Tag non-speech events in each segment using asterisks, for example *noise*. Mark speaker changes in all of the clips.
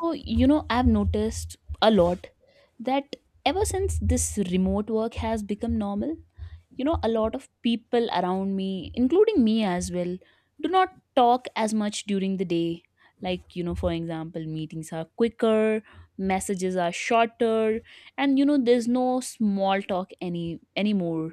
Speaker 1: So, I've noticed a lot that ever since this remote work has become normal, a lot of people around me, including me as well, do not talk as much during the day. Like, for example, meetings are quicker, messages are shorter, and there's no small talk anymore.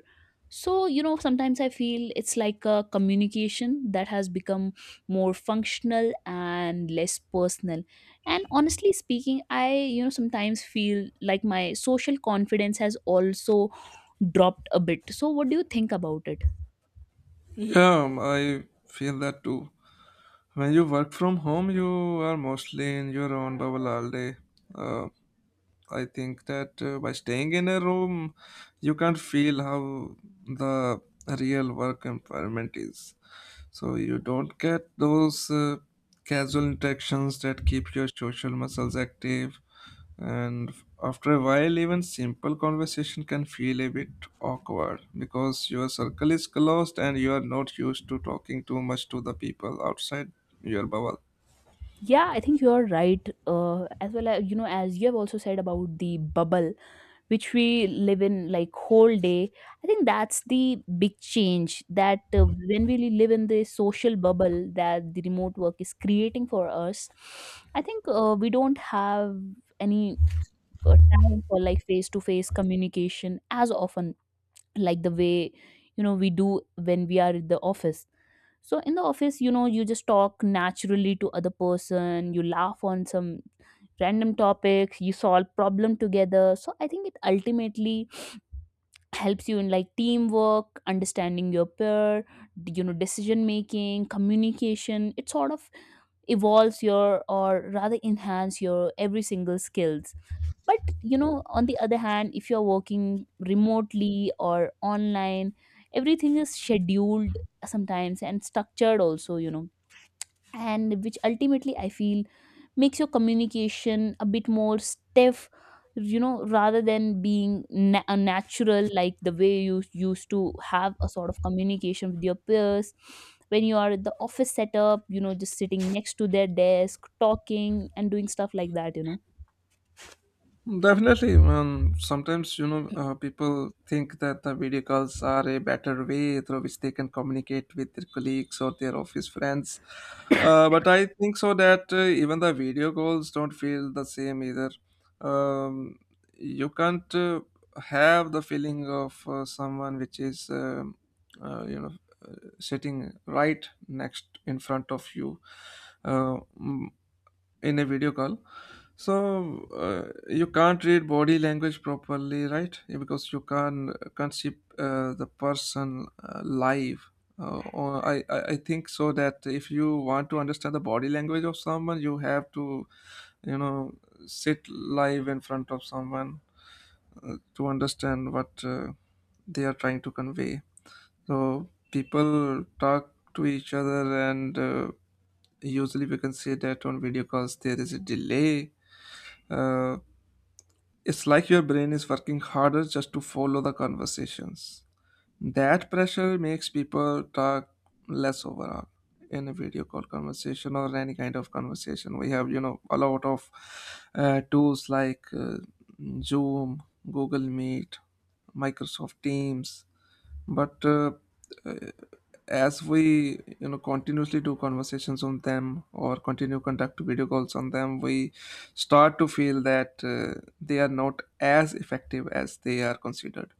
Speaker 1: So, sometimes I feel it's like a communication that has become more functional and less personal. And honestly speaking, I sometimes feel like my social confidence has also dropped a bit. So what do you think about it?
Speaker 2: Yeah, I feel that too. When you work from home, you are mostly in your own bubble all day. Uh, I think that by staying in a room, you can't feel how the real work environment is. So you don't get those casual interactions that keep your social muscles active. And after a while, even simple conversation can feel a bit awkward because your circle is closed and you are not used to talking too much to the people outside your bubble.
Speaker 1: Yeah, I think you're right. As well as, as you have also said, about the bubble which we live in like whole day. I think that's the big change, that when we live in the social bubble that the remote work is creating for us, I think we don't have any time for like face to face communication as often, like the way we do when we are in the office. So in the office, you know, you just talk naturally to other person, you laugh on some random topics, you solve problem together. So I think it ultimately helps you in like teamwork, understanding your peer, you know, decision making, communication. It sort of evolves your, or rather enhance your every single skills. But you know, on the other hand, if you're working remotely or online, everything is scheduled sometimes and structured also, you know. And which ultimately I feel makes your communication a bit more stiff, you know, rather than being a natural, like the way you used to have a sort of communication with your peers when you are at the office setup, you know, just sitting next to their desk, talking and doing stuff like that, you know.
Speaker 2: Definitely, man. Sometimes, you know, people think that the video calls are a better way through which they can communicate with their colleagues or their office friends. But I think so that even the video calls don't feel the same either. Um, you can't have the feeling of someone which is, uh, you know, uh, sitting right next in front of you. Uh, in a video call, so you can't read body language properly, right? Because you can't see the person live. Or I think so that if you want to understand the body language of someone, you have to, you know, sit live in front of someone to understand what they are trying to convey. So people talk to each other, and usually we can say that on video calls there is a delay. uh, it's like your brain is working harder just to follow the conversations. That pressure makes people talk less overall in a video call conversation or any kind of conversation. We have, you know, a lot of tools like Zoom, Google Meet, Microsoft Teams, but uh, as we, you know, continuously do conversations on them or continue conduct video calls on them, we start to feel that they are not as effective as they are considered.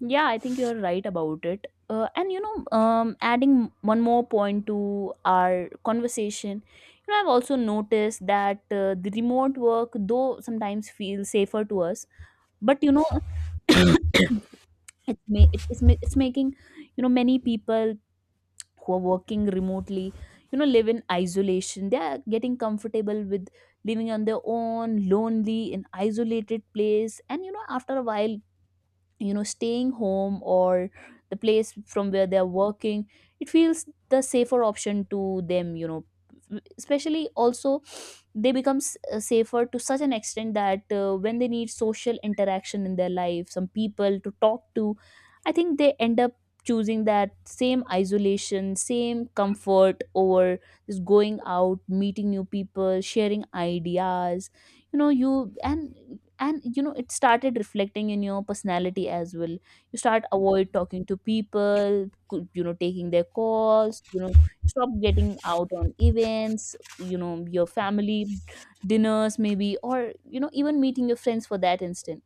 Speaker 1: Yeah, I think you're right about it. And adding one more point to our conversation, you know, I've also noticed that the remote work, though sometimes feels safer to us, but you know, *coughs* it's ma- it is ma- it's making, you know, many people who are working remotely, you know, live in isolation. They are getting comfortable with living on their own, lonely, in isolated place, and you know, after a while, staying home, or the place from where they're working, it feels the safer option to them, you know. Especially also, they become safer to such an extent that when they need social interaction in their life, some people to talk to, I think they end up choosing that same isolation, same comfort over just going out, meeting new people, sharing ideas, you know, you and you know, it started reflecting in your personality as well. You start avoid talking to people, you know, taking their calls, you know, stop getting out on events, you know, your family dinners maybe, or you know, even meeting your friends for that instant.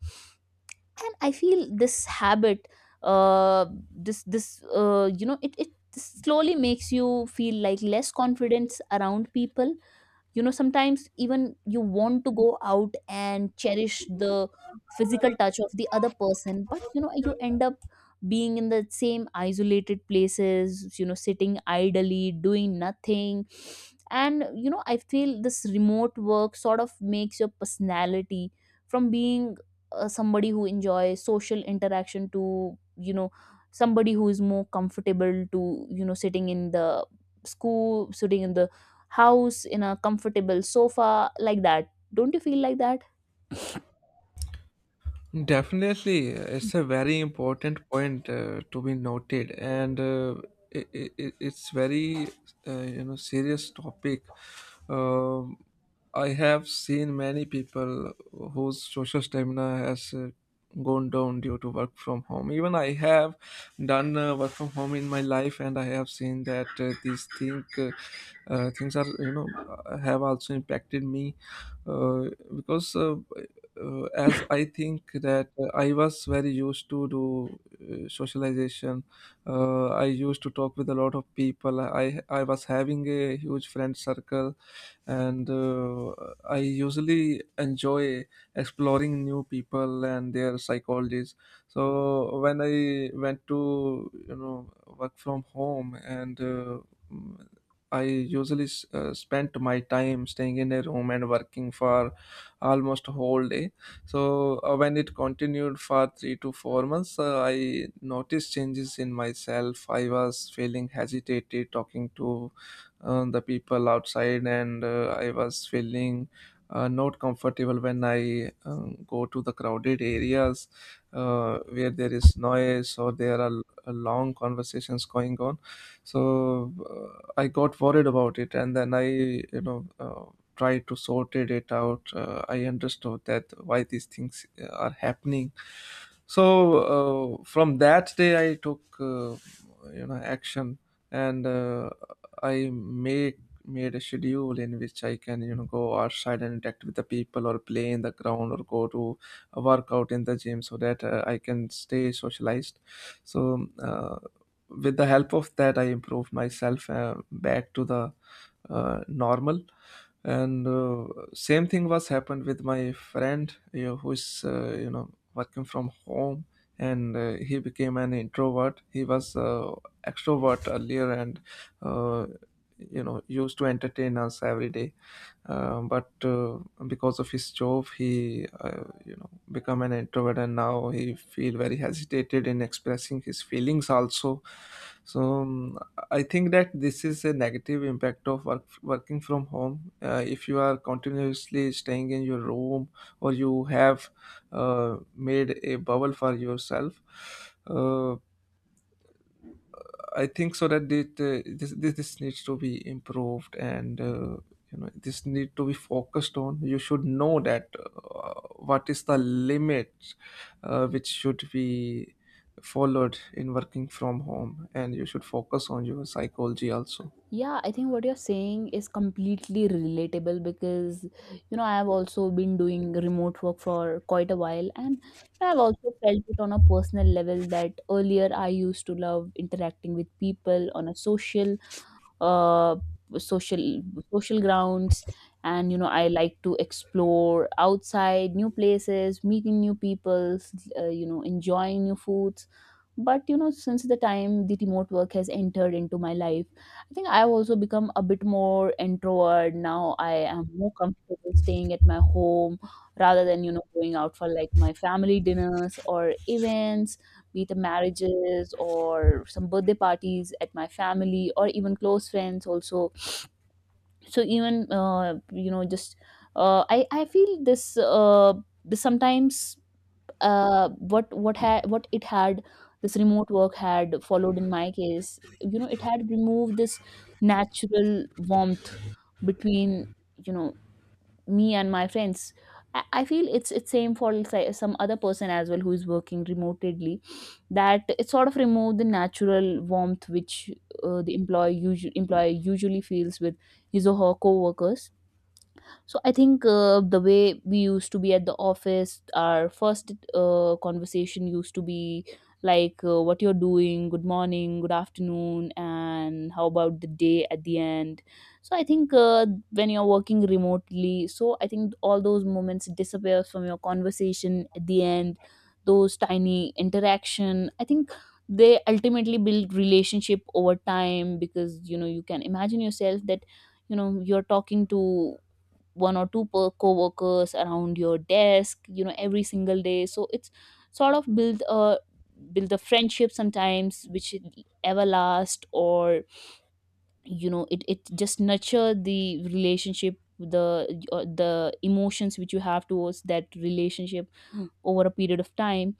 Speaker 1: And I feel this habit, this, it slowly makes you feel like less confidence around people. You know, sometimes even you want to go out and cherish the physical touch of the other person, but you know, you end up being in the same isolated places, you know, sitting idly, doing nothing. And you know, I feel this remote work sort of makes your personality, from being somebody who enjoys social interaction, to you know, somebody who is more comfortable to, you know, sitting in the school, sitting in the house, in a comfortable sofa like that. Don't you feel like that?
Speaker 2: Definitely, it's a very important point to be noted, and it's very you know, serious topic. Um I have seen many people whose social stamina has gone down due to work from home. Even I have done work from home in my life, and I have seen that these thing things are, you know, have also impacted me uh, because. As I think that I was very used to do socialization. I used to talk with a lot of people. I was having a huge friend circle, and I usually enjoy exploring new people and their psychologies. So when I went to, you know, work from home and. Mm, I usually spent my time staying in a room and working for almost a whole day. So when it continued for 3 to 4 months, I noticed changes in myself. I was feeling hesitated talking to the people outside, and I was feeling not comfortable when I go to the crowded areas where there is noise or there are long conversations going on. So I got worried about it, and then I, you know. Try to sorted it out. I understood that why these things are happening. So from that day I took, you know, action, and I made made a schedule in which I can, you know, go outside and interact with the people or play in the ground or go to a workout in the gym so that I can stay socialized. So with the help of that I improved myself back to the normal. And same thing was happened with my friend, you know, who is, you know, working from home. And he became an introvert. He was extrovert earlier, and uh, you know, used to entertain us every day. But because of his job, he, you know, become an introvert, and now he feel very hesitated in expressing his feelings also. So I think that this is a negative impact of working from home if you are continuously staying in your room or you have made a bubble for yourself. uh, I think so that it, this, this this needs to be improved, and you know, this need to be focused on. You should know that what is the limit which should be followed in working from home, and you should focus on your psychology also.
Speaker 1: Yeah, I think what you're saying is completely relatable because, you know, I have also been doing remote work for quite a while, and I've also felt it on a personal level that earlier I used to love interacting with people on a uh, social, social grounds. And, you know, I like to explore outside new places, meeting new peoples, you know, enjoying new foods, but you know, since the time the remote work has entered into my life, I think I've also become a bit more introvert. Now I am more comfortable staying at my home rather than, you know, going out for like my family dinners or events, be it the marriages or some birthday parties at my family or even close friends also. So even you know, just I feel this, this sometimes, what it had, this remote work had followed in my case, you know, it had removed this natural warmth between, you know, me and my friends. I feel it's same for some other person as well who is working remotely, that it sort of removed the natural warmth which the employee usually, employer usually feels with his or her co-workers. So I think the way we used to be at the office, our first conversation used to be like, what you're doing, good morning, good afternoon, and how about the day at the end. So I think when you're working remotely, so I think all those moments disappears from your conversation. At the end, those tiny interaction, I think they ultimately build relationship over time, because you know, you can imagine yourself that, you know, you're talking to one or two per co-workers around your desk, you know, every single day. So it's sort of build a friendship, sometimes which it everlast, or you know, it just nurture the relationship, the emotions which you have towards that relationship over a period of time.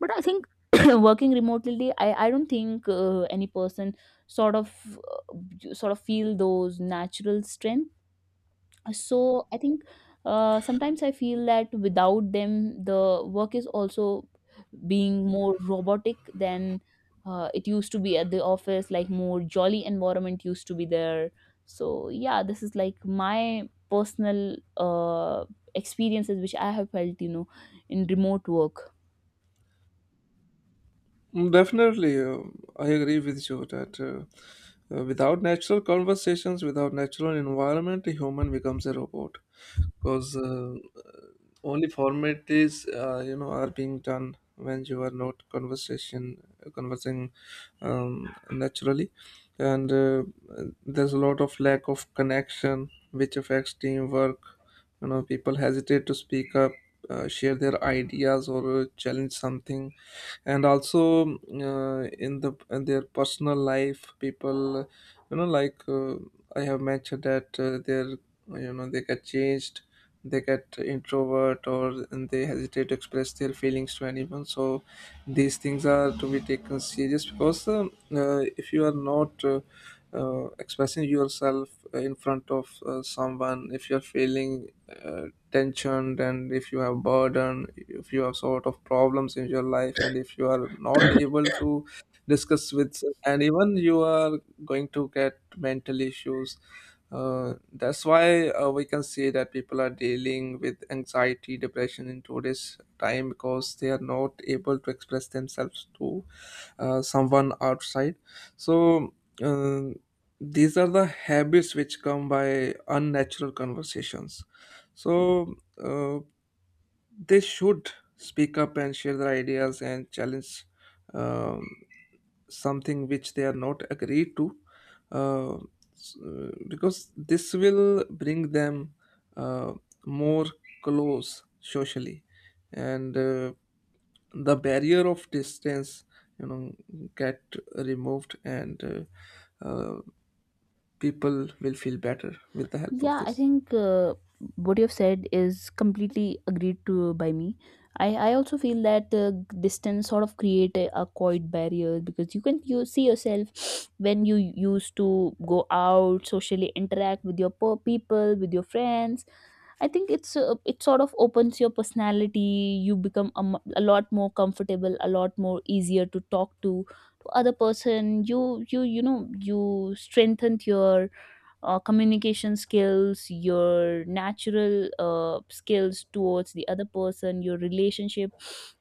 Speaker 1: But I think, *coughs* *clears throat* working remotely, I don't think any person sort of feel those natural strength. So I think sometimes I feel that without them, the work is also being more robotic than it used to be at the office, like more jolly environment used to be there. So yeah, this is like my personal, experiences which I have felt, you know, in remote work.
Speaker 2: Mm, definitely, I agree with you that without natural conversations, without natural environment, a human becomes a robot. Because only formalities, you know, are being done when you are not conversation conversing naturally, and there's a lot of lack of connection, which affects teamwork. You know, people hesitate to speak up, share their ideas, or challenge something. And also in their personal life, people, you know like uh, I have mentioned that they're, you know, they get changed. They get introvert or and they hesitate to express their feelings to anyone. So these things are to be taken serious because if you are not expressing yourself in front of someone, if you're feeling uh, tensioned, and if you have burden, if you have sort of problems in your life, and if you are not able to discuss with, and even you are going to get mental issues. That's why we can see that people are dealing with anxiety depression in today's time because they are not able to express themselves to someone outside. So uh, these are the habits which come by unnatural conversations. So uh, they should speak up and share their ideas and challenge um, something which they are not agreed to. uh, because this will bring them uh, more close socially, and the barrier of distance, you know, get removed, and uh, uh, people will feel better with the help of
Speaker 1: Yeah, I
Speaker 2: this.
Speaker 1: think what you've said is completely agreed to by me. I also feel that distance sort of create a quiet barrier, because you can, you see yourself *sniffs* when you used to go out socially interact with your people, with your friends. I think it's it sort of opens your personality. You become a lot more comfortable, a lot more easier to talk to other person. You you know, you strengthen your communication skills, your natural skills towards the other person, your relationship.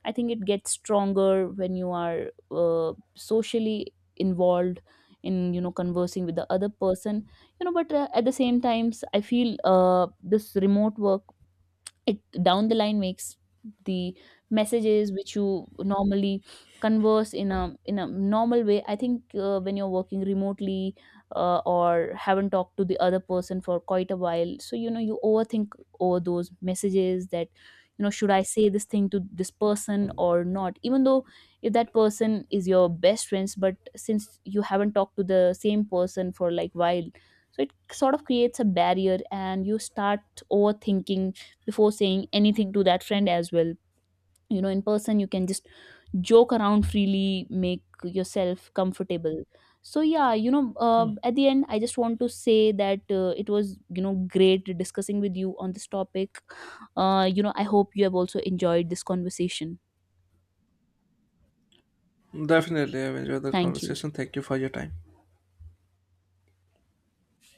Speaker 1: I think it gets stronger when you are socially involved in, you know, conversing with the other person. You know, but at the same times I feel this remote work, it down the line makes the messages which you normally converse in a normal way. I think when you're working remotely, or haven't talked to the other person for quite a while, so you know, you overthink over those messages that, you know, should I say this thing to this person or not, even though if that person is your best friends, but since you haven't talked to the same person for like while, so it sort of creates a barrier and you start overthinking before saying anything to that friend as well. You know, in person you can just joke around freely, make yourself comfortable. So yeah, you know, at the end I just want to say that it was, you know, great discussing with you on this topic. You know, I hope you have also enjoyed this conversation.
Speaker 2: Definitely, I've enjoyed the
Speaker 1: Thank you.
Speaker 2: conversation. Thank you for your time.